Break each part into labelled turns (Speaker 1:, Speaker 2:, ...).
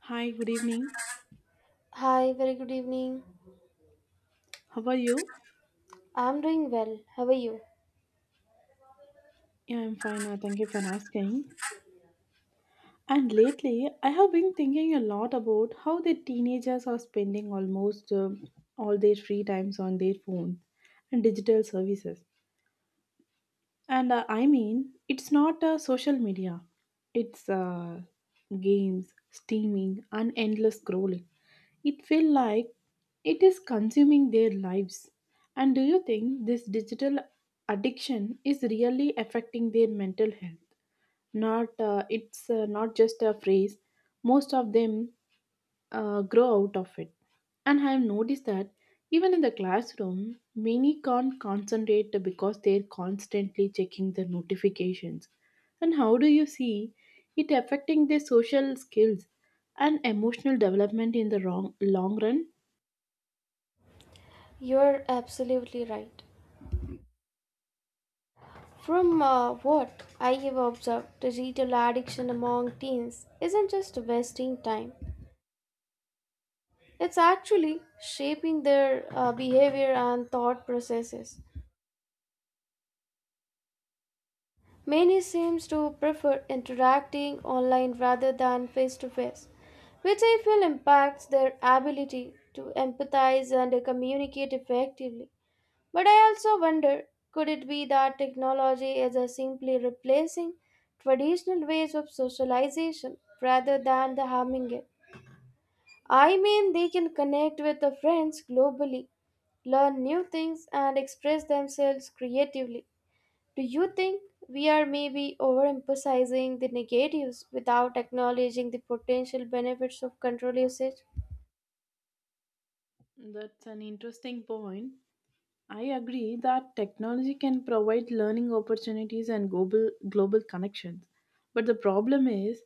Speaker 1: Hi, good evening.
Speaker 2: Hi, very good evening.
Speaker 1: How are you?
Speaker 2: I'm doing well. How are you?
Speaker 1: Yeah, I'm fine. Thank you for asking. And lately, I have been thinking a lot about how the teenagers are spending almost all their free times on their phone and digital services. And I mean, it's not social media, it's games, streaming, and endless scrolling. It feels like it is consuming their lives. And do you think this digital addiction is really affecting their mental health? Not, it's not just a phrase. Most of them grow out of it. And I have noticed that even in the classroom, many can't concentrate because they're constantly checking the notifications. And how do you see it affecting their social skills and emotional development in the long run?
Speaker 2: You're absolutely right. From what I have observed, digital addiction among teens isn't just wasting time, it's actually shaping their behavior and thought processes. Many seems to prefer interacting online rather than face to face, which I feel impacts their ability to empathize and communicate effectively. But I also wonder, could it be that technology is simply replacing traditional ways of socialization rather than the harming it? I mean, they can connect with the friends globally, learn new things, and express themselves creatively. Do you think we are maybe overemphasizing the negatives without acknowledging the potential benefits of control usage?
Speaker 1: That's an interesting point. I agree that technology can provide learning opportunities and global connections. But the problem is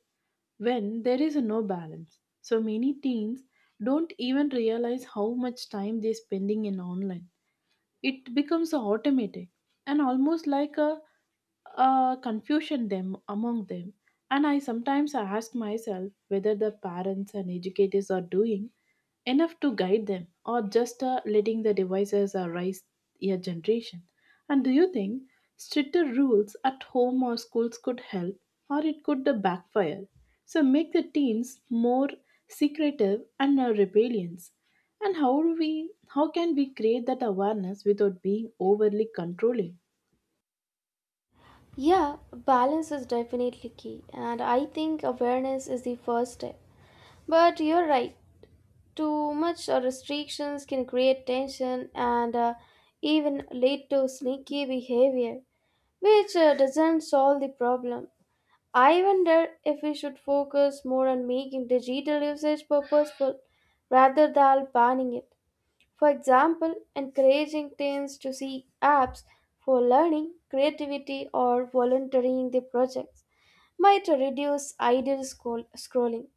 Speaker 1: when there is no balance. So many teens don't even realize how much time they're spending in online. It becomes automatic and almost like a confusion them among them, and I sometimes ask myself whether the parents and educators are doing enough to guide them or just letting the devices rise your generation. And do you think stricter rules at home or schools could help, or it could backfire so make the teens more secretive and rebellious? And how can we create that awareness without being overly controlling?
Speaker 2: Yeah, balance is definitely key, and I think awareness is the first step. But you're right, too much restrictions can create tension and even lead to sneaky behavior, which doesn't solve the problem. I wonder if we should focus more on making digital usage purposeful rather than banning it. For example, encouraging teens to seek apps for learning, creativity, or volunteering their projects might reduce scrolling.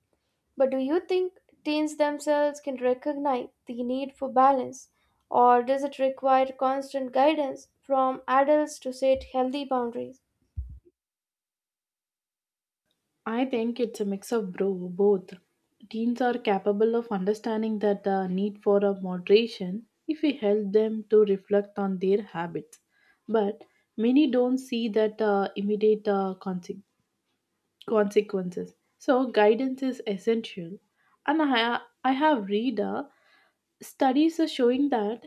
Speaker 2: But do you think teens themselves can recognize the need for balance, or does it require constant guidance from adults to set healthy boundaries?
Speaker 1: I think it's a mix of both. Teens are capable of understanding that the need for a moderation if we help them to reflect on their habits. But many don't see that immediate consequences. So guidance is essential. And I have read studies are showing that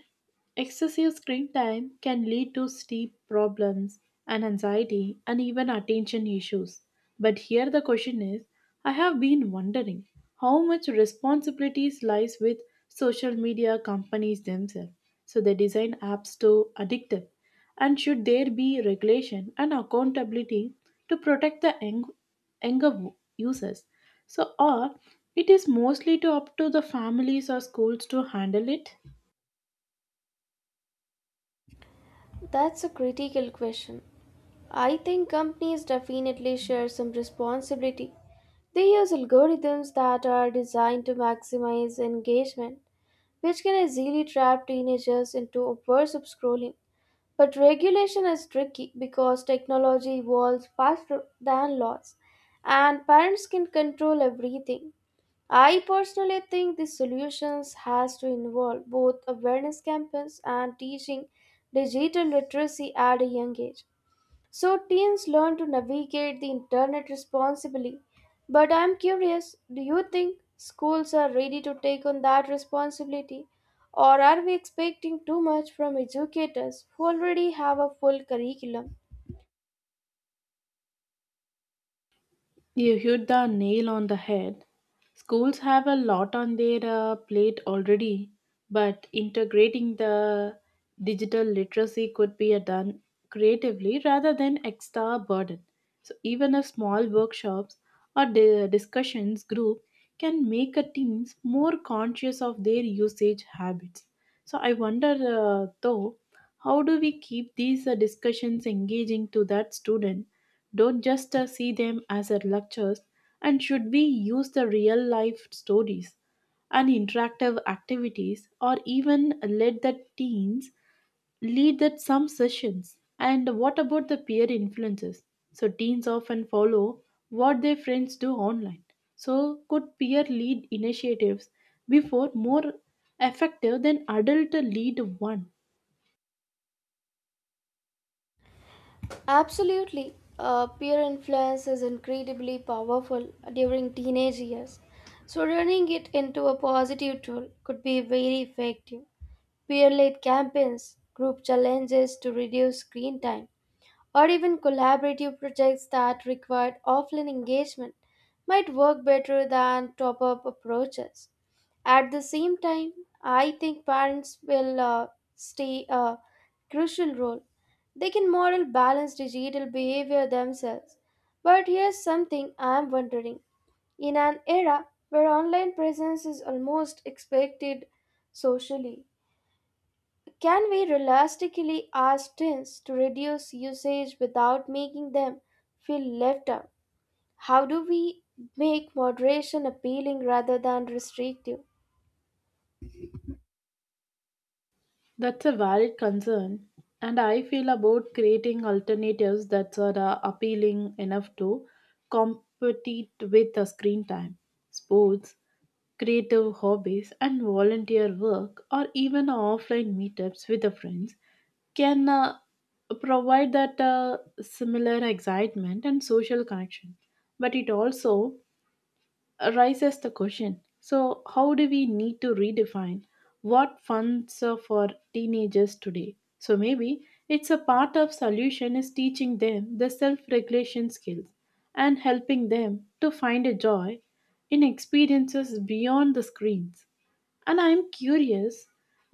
Speaker 1: excessive screen time can lead to sleep problems and anxiety and even attention issues. But here the question is, I have been wondering how much responsibilities lies with social media companies themselves. So they design apps to addictive, and should there be regulation and accountability to protect the younger users, or it is mostly to up to the families or schools to handle it?
Speaker 2: That's a critical question. I think companies definitely share some responsibility. They use algorithms that are designed to maximize engagement, which can easily trap teenagers into obsessive scrolling. But regulation is tricky because technology evolves faster than laws, and parents can control everything. I personally think the solutions has to involve both awareness campaigns and teaching digital literacy at a young age, so teens learn to navigate the internet responsibly. But I'm curious, do you think schools are ready to take on that responsibility? Or are we expecting too much from educators who already have a full curriculum?
Speaker 1: You hit the nail on the head. Schools have a lot on their plate already, but integrating the digital literacy could be done creatively rather than extra burden. So, even a small workshops or discussions group can make a teams more conscious of their usage habits. So, I wonder though, how do we keep these discussions engaging to that student? Don't just see them as lectures, and should we use the real life stories and interactive activities, or even let the teens lead that some sessions? And what about the peer influences? So teens often follow what their friends do online. So could peer lead initiatives before more effective than adult lead one?
Speaker 2: Absolutely. Peer influence is incredibly powerful during teenage years, so turning it into a positive tool could be very effective: peer-led campaigns, group challenges to reduce screen time, or even collaborative projects that required offline engagement might work better than top-up approaches. At the same time, I think parents will stay a crucial role. They can model balanced digital behavior themselves. But here's something I'm wondering. In an era where online presence is almost expected socially, can we realistically ask teens to reduce usage without making them feel left out? How do we make moderation appealing rather than restrictive?
Speaker 1: That's a valid concern, and I feel about creating alternatives that are appealing enough to compete with the screen time. Sports, creative hobbies, and volunteer work, or even offline meetups with the friends, can provide that similar excitement and social connection. But it also raises the question, so how do we need to redefine what funds are for teenagers today? So maybe it's a part of solution is teaching them the self-regulation skills and helping them to find a joy in experiences beyond the screens. And I'm curious,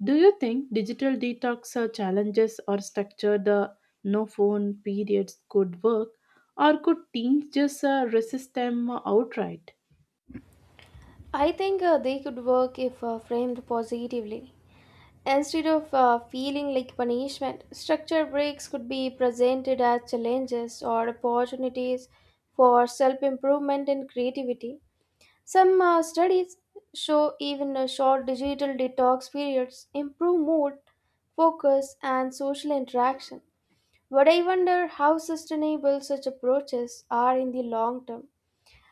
Speaker 1: do you think digital detox or challenges or structure the no phone periods could work, or could teens just resist them outright?
Speaker 2: I think they could work if framed positively. Instead of feeling like punishment, structure breaks could be presented as challenges or opportunities for self improvement and creativity. Some studies show even a short digital detox periods improve mood, focus, and social interaction. But I wonder how sustainable such approaches are in the long term,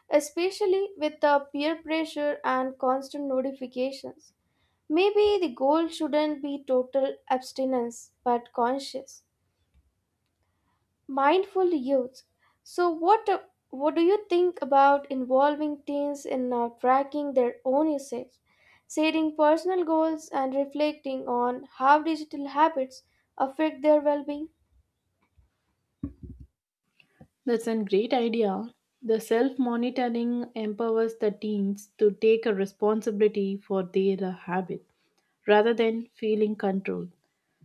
Speaker 2: especially with the peer pressure and constant notifications. Maybe the goal shouldn't be total abstinence, but conscious mindful youth. So, what do you think about involving teens in now tracking their own usage, setting personal goals, and reflecting on how digital habits affect their well-being?
Speaker 1: That's a great idea. The self monitoring empowers the teens to take a responsibility for their habit rather than feeling control.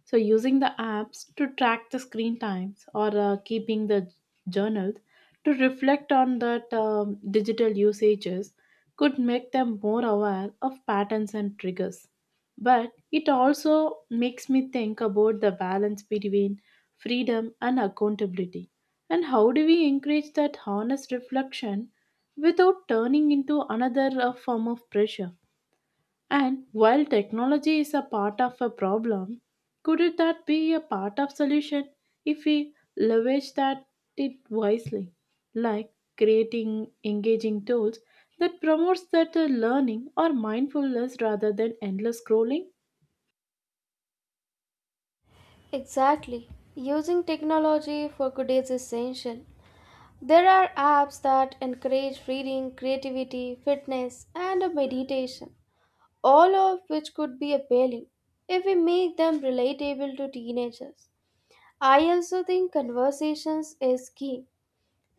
Speaker 1: So, using the apps to track the screen times or keeping the journals to reflect on that digital usages could make them more aware of patterns and triggers. But it also makes me think about the balance between freedom and accountability. And how do we encourage that honest reflection without turning into another form of pressure? And while technology is a part of a problem, could it that be a part of solution if we leverage that it wisely, like creating engaging tools that promotes that learning or mindfulness rather than endless scrolling?
Speaker 2: Exactly. Using technology for good is essential. There are apps that encourage reading, creativity, fitness, and meditation, all of which could be appealing if we make them relatable to teenagers. I also think conversations is key.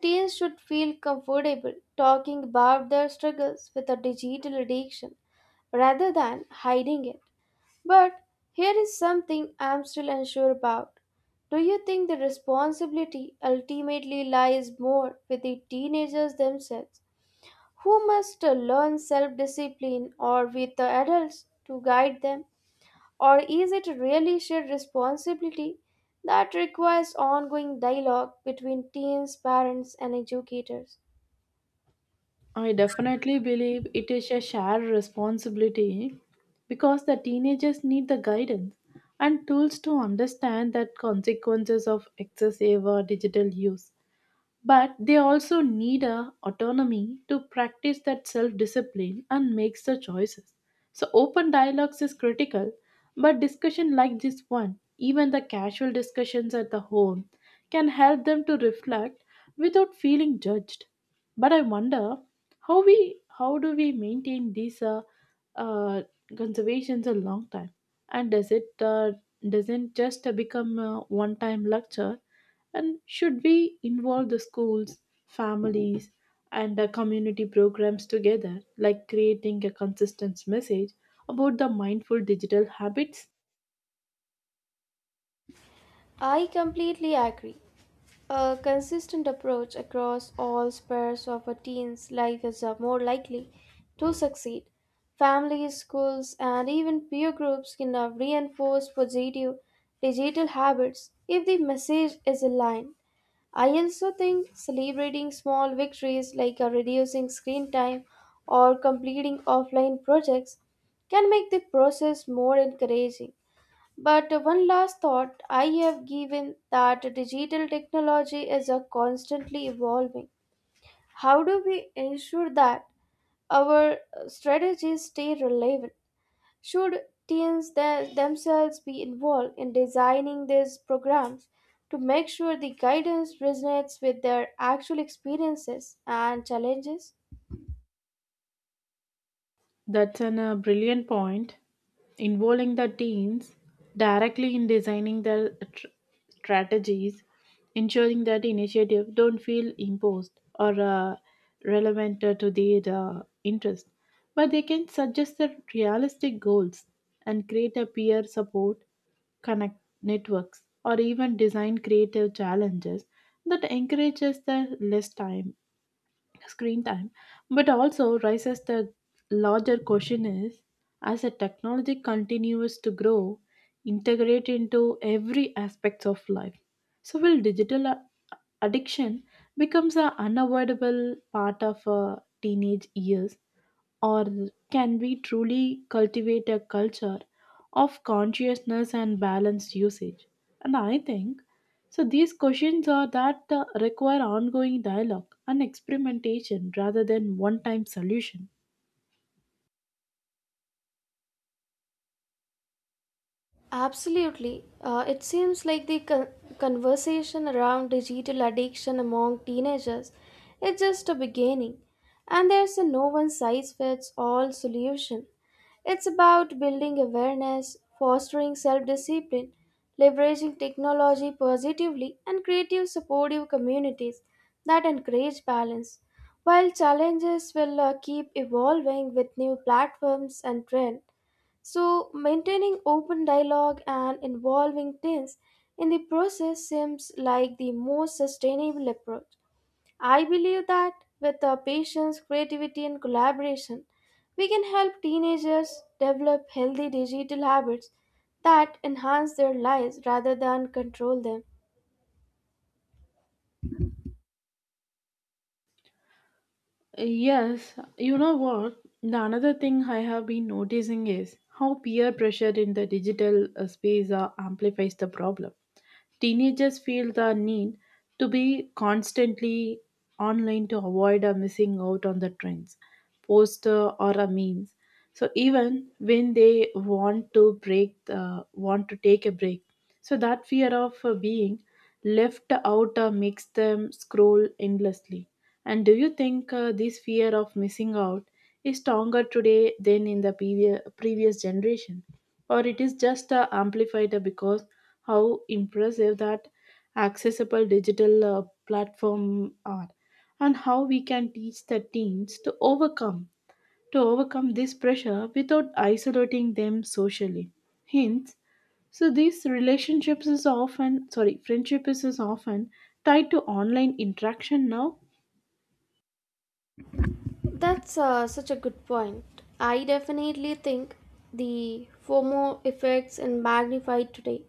Speaker 2: Teens should feel comfortable talking about their struggles with a digital addiction rather than hiding it. But here is something I'm still unsure about. Do you think the responsibility ultimately lies more with the teenagers themselves, who must learn self discipline, or with the adults to guide them? Or is it really shared responsibility that requires ongoing dialogue between teens, parents, and educators?
Speaker 1: I definitely believe it is a shared responsibility because the teenagers need the guidance and tools to understand the consequences of excessive digital use, but they also need a autonomy to practice that self-discipline and makes the choices. So open dialogues is critical, but discussion like this one, even the casual discussions at the home, can help them to reflect without feeling judged. But I wonder how do we maintain these uh, conservations a long time, and does it doesn't just become a one time lecture? And should we involve the schools, families, and the community programs together, like creating a consistent message about the mindful digital habits?
Speaker 2: I completely agree. A consistent approach across all spheres of a teen's life is more likely to succeed. Families, schools, and even peer groups can reinforce positive digital habits if the message is aligned. I also think celebrating small victories, like reducing screen time or completing offline projects, can make the process more encouraging. But one last thought I have, given that digital technology is constantly evolving. How do we ensure that our strategies stay relevant? Should themselves be involved in designing these programs to make sure the guidance resonates with their actual experiences and challenges?
Speaker 1: That's an brilliant point. Involving the teens directly in designing their strategies, ensuring that initiative don't feel imposed or relevant to their interest, but they can suggest the realistic goals and create a peer support connect networks or even design creative challenges that encourages the less time screen time. But also raises the larger question is, as a technology continues to grow integrate into every aspects of life, so will digital addiction becomes an unavoidable part of teenage years, or can we truly cultivate a culture of consciousness and balanced usage? And I think so these questions are that require ongoing dialogue and experimentation rather than one-time solution.
Speaker 2: Absolutely. It seems like the conversation around digital addiction among teenagers is just a beginning, and there's a no one size fits all solution. It's about building awareness, fostering self discipline, leveraging technology positively, and creative supportive communities that encourage balance. While challenges will keep evolving with new platforms and trends, so, maintaining open dialogue and involving teens in the process seems like the most sustainable approach. I believe that with our patience, creativity, and collaboration, we can help teenagers develop healthy digital habits that enhance their lives rather than control them.
Speaker 1: Yes, you know what? The another thing I have been noticing is how peer pressure in the digital space amplifies the problem. Teenagers feel the need to be constantly online to avoid a missing out on the trends, poster or a memes. So even when they want to break, want to take a break, so that fear of being left out makes them scroll endlessly. And do you think this fear of missing out is stronger today than in the previous generation, or it is just amplified because how impressive that accessible digital platform are? And how we can teach the teens to overcome this pressure without isolating them socially, hence so these relationships is often sorry friendship is often tied to online interaction now.
Speaker 2: That's such a good point. I definitely think the FOMO effects and magnified today,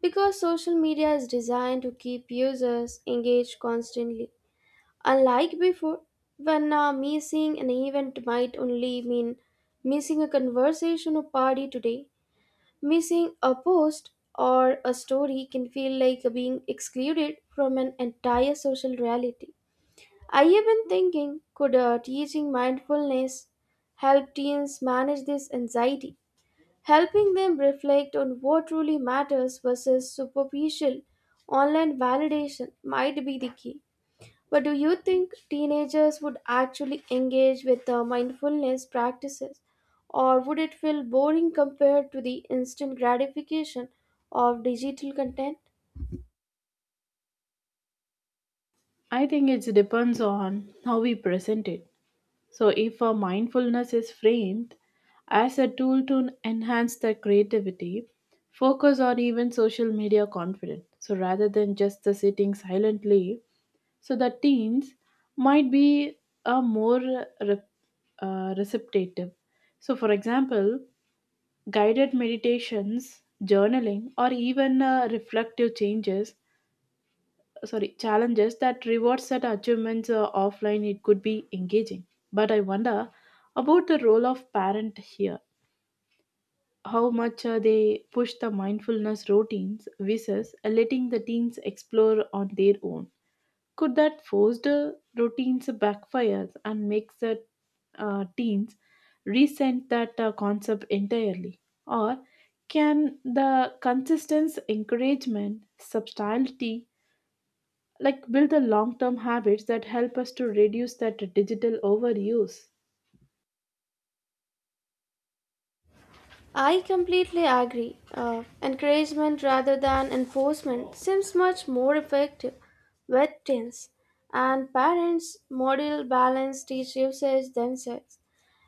Speaker 2: because social media is designed to keep users engaged constantly. Unlike before, when missing an event might only mean missing a conversation or party, today, missing a post or a story can feel like being excluded from an entire social reality. I have been thinking, could teaching mindfulness help teens manage this anxiety? Helping them reflect on what truly matters versus superficial online validation might be the key. But do you think teenagers would actually engage with the mindfulness practices, or would it feel boring compared to the instant gratification of digital content?
Speaker 1: I think it depends on how we present it. So, if a mindfulness is framed as a tool to enhance their creativity, focus, or even social media confidence, so rather than just the sitting silently, so the teens might be a more receptive. So, for example, guided meditations, journaling, or even reflective changes sorry challenges that reward set achievements offline, it could be engaging. But I wonder about the role of parent here, how much they push the mindfulness routines versus letting the teens explore on their own. Could that forced routines backfires and makes the teens resent that concept entirely, or can the consistent encouragement subtlety like build the long term habits that help us to reduce that digital overuse?
Speaker 2: I completely agree. Encouragement rather than enforcement seems much more effective with teens, and parents model balance teach usage themselves,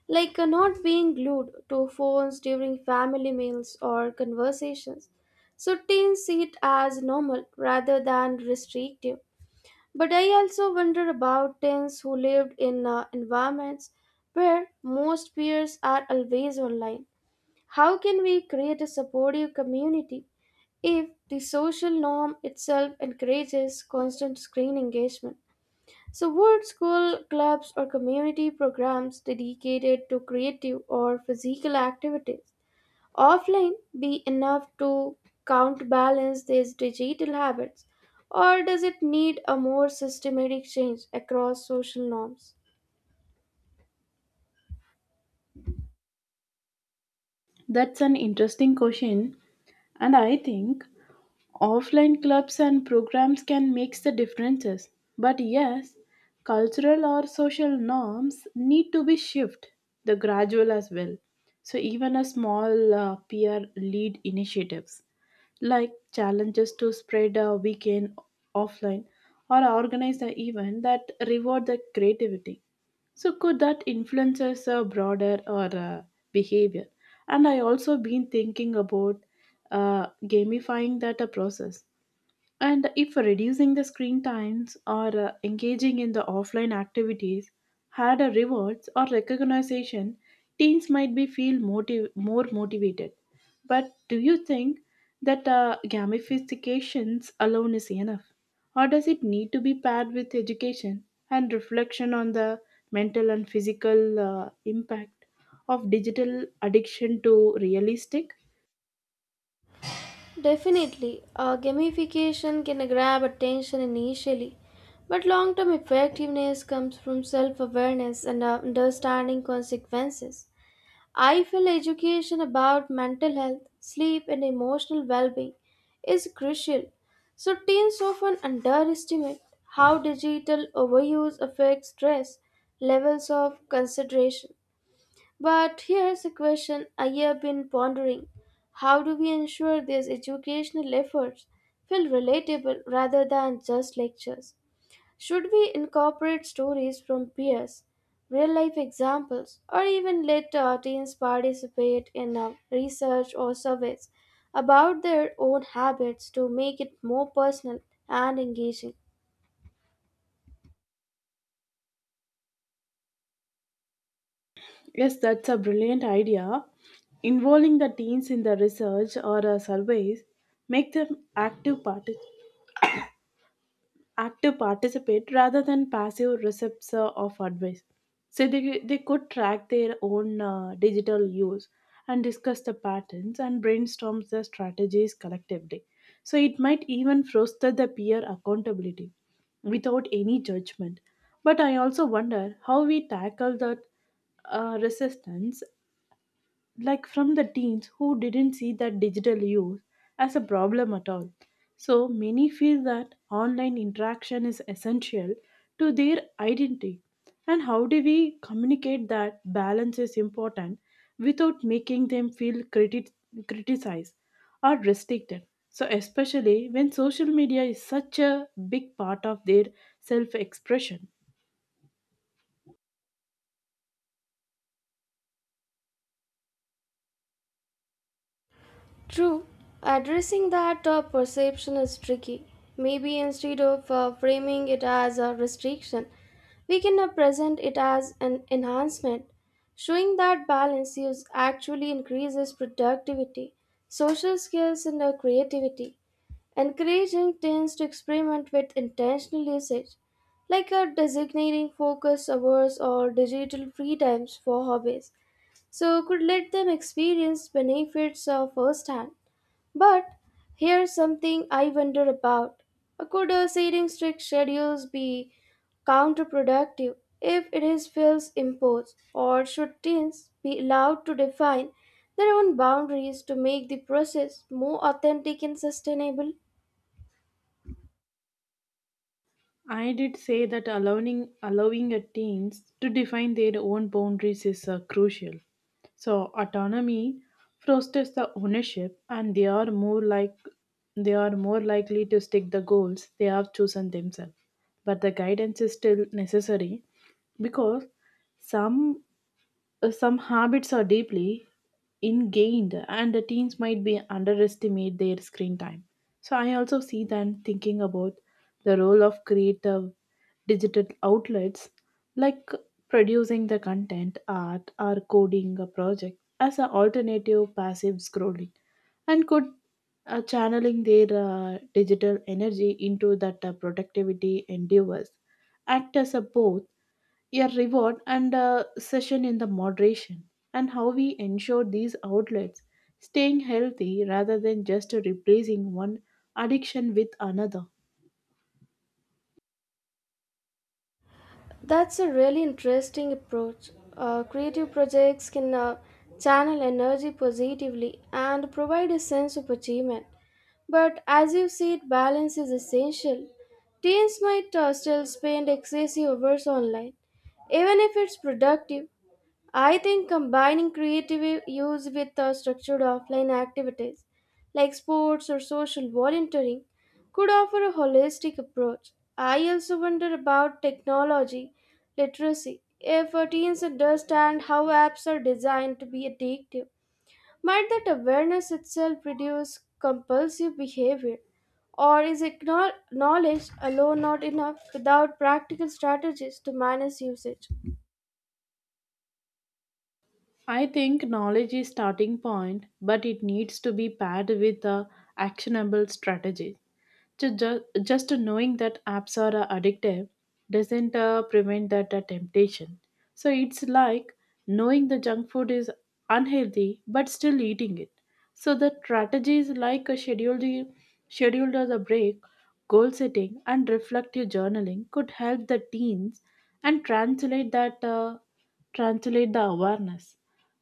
Speaker 2: like not being glued to phones during family meals or conversations, so teens see it as normal rather than restrictive. But I also wonder about teens who lived in environments where most peers are always online. How can we create a supportive community if the social norm itself encourages constant screen engagement? So, would school clubs or community programs dedicated to creative or physical activities offline be enough to counterbalance these digital habits, or does it need a more systematic change across social norms?
Speaker 1: That's an interesting question, and I think offline clubs and programs can make the differences, but yes, cultural or social norms need to be shifted the gradual as well. So even a small peer lead initiatives like challenges to spread a weekend offline or organize an event that reward the creativity, so could that influences a broader or behavior? And I also been thinking about gamifying that a process, and if reducing the screen times or engaging in the offline activities had a rewards or recognition, teens might be feel more motivated. But do you think that gamifications alone is enough? Or does it need to be paired with education and reflection on the mental and physical impact of digital addiction to realistic?
Speaker 2: Definitely, gamification can grab attention initially, but long term effectiveness comes from self awareness and understanding consequences. I feel education about mental health, sleep, and emotional well being is crucial, so teens often underestimate how digital overuse affects stress levels of consideration. But here's a question I have been pondering. How do we ensure these educational efforts feel relatable rather than just lectures? Should we incorporate stories from peers, real life examples, or even let teens participate in research or surveys about their own habits to make it more personal and engaging?
Speaker 1: Yes, that's a brilliant idea. Involving the teens in the research or surveys make them active participate rather than passive recipients of advice. So they could track their own digital use and discuss the patterns and brainstorm the strategies collectively. So it might even foster the peer accountability without any judgment. But I also wonder how we tackle that resistance like from the teens who didn't see that digital use as a problem at all. So many feel that online interaction is essential to their identity. And how do we communicate that balance is important without making them feel criticized or restricted? So, especially when social media is such a big part of their self expression.
Speaker 2: True, addressing that perception is tricky. Maybe instead of framing it as a restriction, we can present it as an enhancement, showing that balance use actually increases productivity, social skills, and creativity. Encouraging teens to experiment with intentional usage, like designating focus hours or digital free times for hobbies, so could let them experience benefits firsthand. But here's something I wonder about. Could setting strict schedules be counterproductive if it is feels imposed, or should teens be allowed to define their own boundaries to make the process more authentic and sustainable?
Speaker 1: I did say that allowing a teens to define their own boundaries is crucial. So autonomy fosters the ownership, and they are more likely to stick the goals they have chosen themselves. But the guidance is still necessary because some some habits are deeply ingrained and the teens might be underestimate their screen time. So I also see them thinking about the role of creative digital outlets, like producing the content art or coding a project as an alternative passive scrolling. And could channeling their digital energy into that productivity endeavors act as a both your reward and a session in the moderation? And how we ensure these outlets staying healthy rather than just replacing one addiction with another?
Speaker 2: That's a really interesting approach. Creative projects can channel energy positively and provide a sense of achievement. But as you said, balance is essential. Teens might still spend excessive hours online, even if it's productive. I think combining creative use with structured offline activities like sports or social volunteering could offer a holistic approach. I also wonder about technology literacy. If teens understand how apps are designed to be addictive, might that awareness itself reduce compulsive behavior? Or is knowledge alone not enough without practical strategies to manage usage?
Speaker 1: I think knowledge is starting point, but it needs to be paired with a actionable strategies. To just knowing that apps are addictive doesn't prevent that temptation. So it's like knowing the junk food is unhealthy but still eating it. So the strategies like a scheduled as a break, goal setting and reflective journaling could help the teens and translate the awareness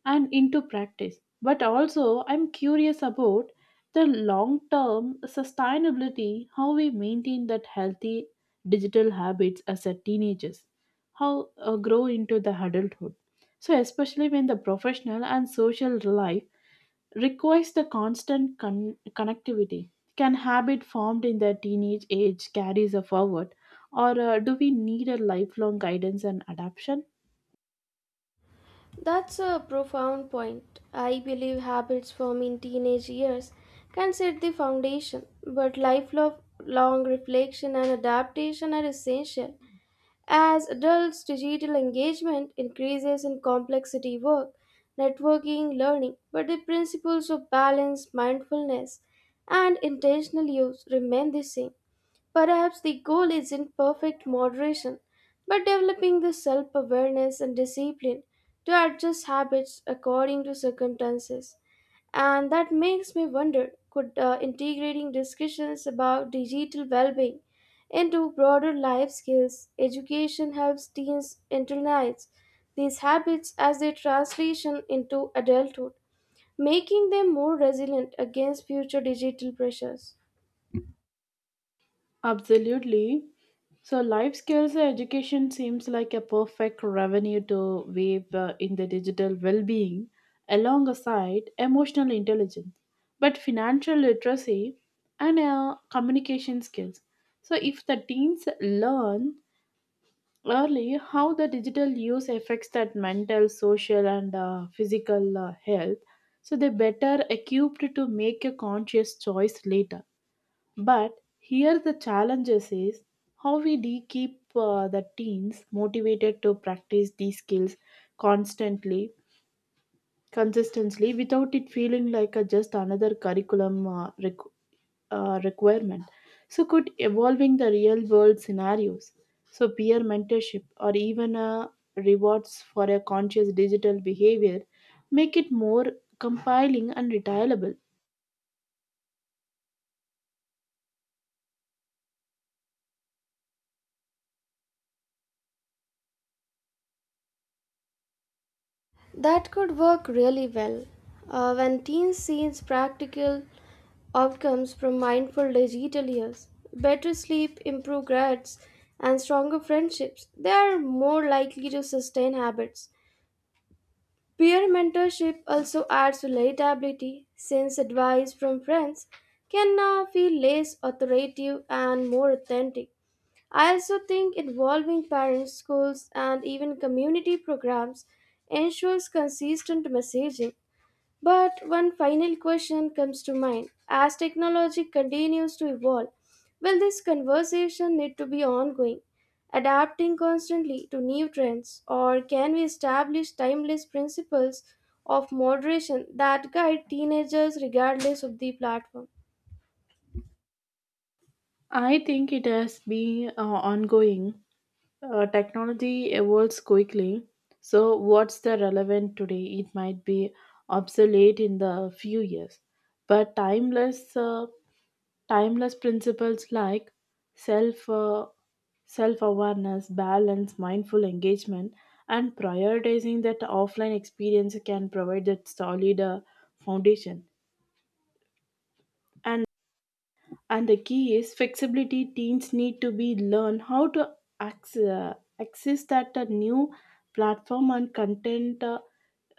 Speaker 1: and into practice. But also, I'm curious about the long term sustainability, how we maintain that healthy digital habits as a teenagers, how grow into the adulthood. So, especially when the professional and social life requires the constant connectivity. Can habit formed in the teenage age carries a forward, or do we need a lifelong guidance and adaptation?
Speaker 2: That's a profound point. I believe habits formed in teenage years can set the foundation, but lifelong long reflection and adaptation are essential. As adults, digital engagement increases in complexity: work, networking, learning, but the principles of balance, mindfulness, and intentional use remain the same. Perhaps the goal isn't perfect moderation, but developing the self awareness and discipline to adjust habits according to circumstances. And that makes me wonder, could integrating discussions about digital well being into broader life skills education helps teens internalize these habits as they translation into adulthood, making them more resilient against future digital pressures?
Speaker 1: Absolutely. So, life skills education seems like a perfect revenue to weave in the digital well being alongside emotional intelligence, but financial literacy and communication skills. So, if the teens learn early how the digital use affects that mental, social, and physical health, so they're better equipped to make a conscious choice later. But here the challenges is how we keep the teens motivated to practice these skills constantly, consistently, without it feeling like a just another curriculum requirement. So could evolving the real world scenarios, so peer mentorship or even a rewards for a conscious digital behavior, make it more compiling and retailable?
Speaker 2: That could work really well when teens see practical outcomes from mindful digital years. Better sleep, improved grades, and stronger friendships, they are more likely to sustain habits. Peer mentorship also adds relatability since advice from friends can now feel less authoritative and more authentic. I also think involving parents, schools, and even community programs ensures consistent messaging. But one final question comes to mind. As technology continues to evolve, will this conversation need to be ongoing, adapting constantly to new trends, or can we establish timeless principles of moderation that guide teenagers regardless of the platform?
Speaker 1: I think it has been ongoing. Technology evolves quickly, so what's the relevant today? It might be obsolete in the few years, but timeless principles like self, uh, self-awareness, balance, mindful engagement, and prioritizing that offline experience can provide that solid foundation. And the key is flexibility. Teens need to be learn how to access, uh, access that new platform and content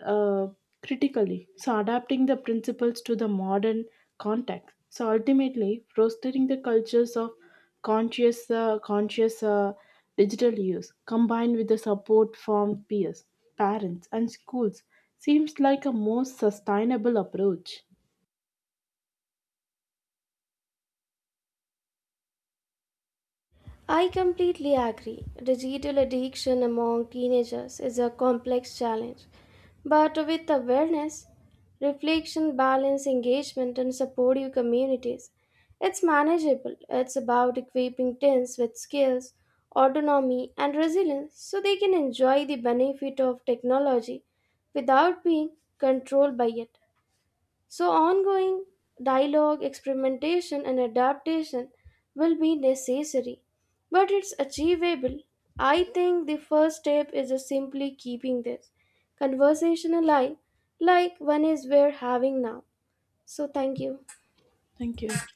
Speaker 1: uh, critically. So adapting the principles to the modern context. So ultimately, fostering the cultures of conscious digital use combined with the support from peers, parents, and schools seems like a more sustainable approach.
Speaker 2: I completely agree. Digital addiction among teenagers is a complex challenge, but with awareness, reflection, balance, engagement, and supportive communities, it's manageable. It's about equipping teens with skills, autonomy, and resilience so they can enjoy the benefit of technology without being controlled by it. So, ongoing dialogue, experimentation, and adaptation will be necessary, but it's achievable. I think the first step is just simply keeping this conversation alive, like one is we're having now. So, thank you.
Speaker 1: Thank you.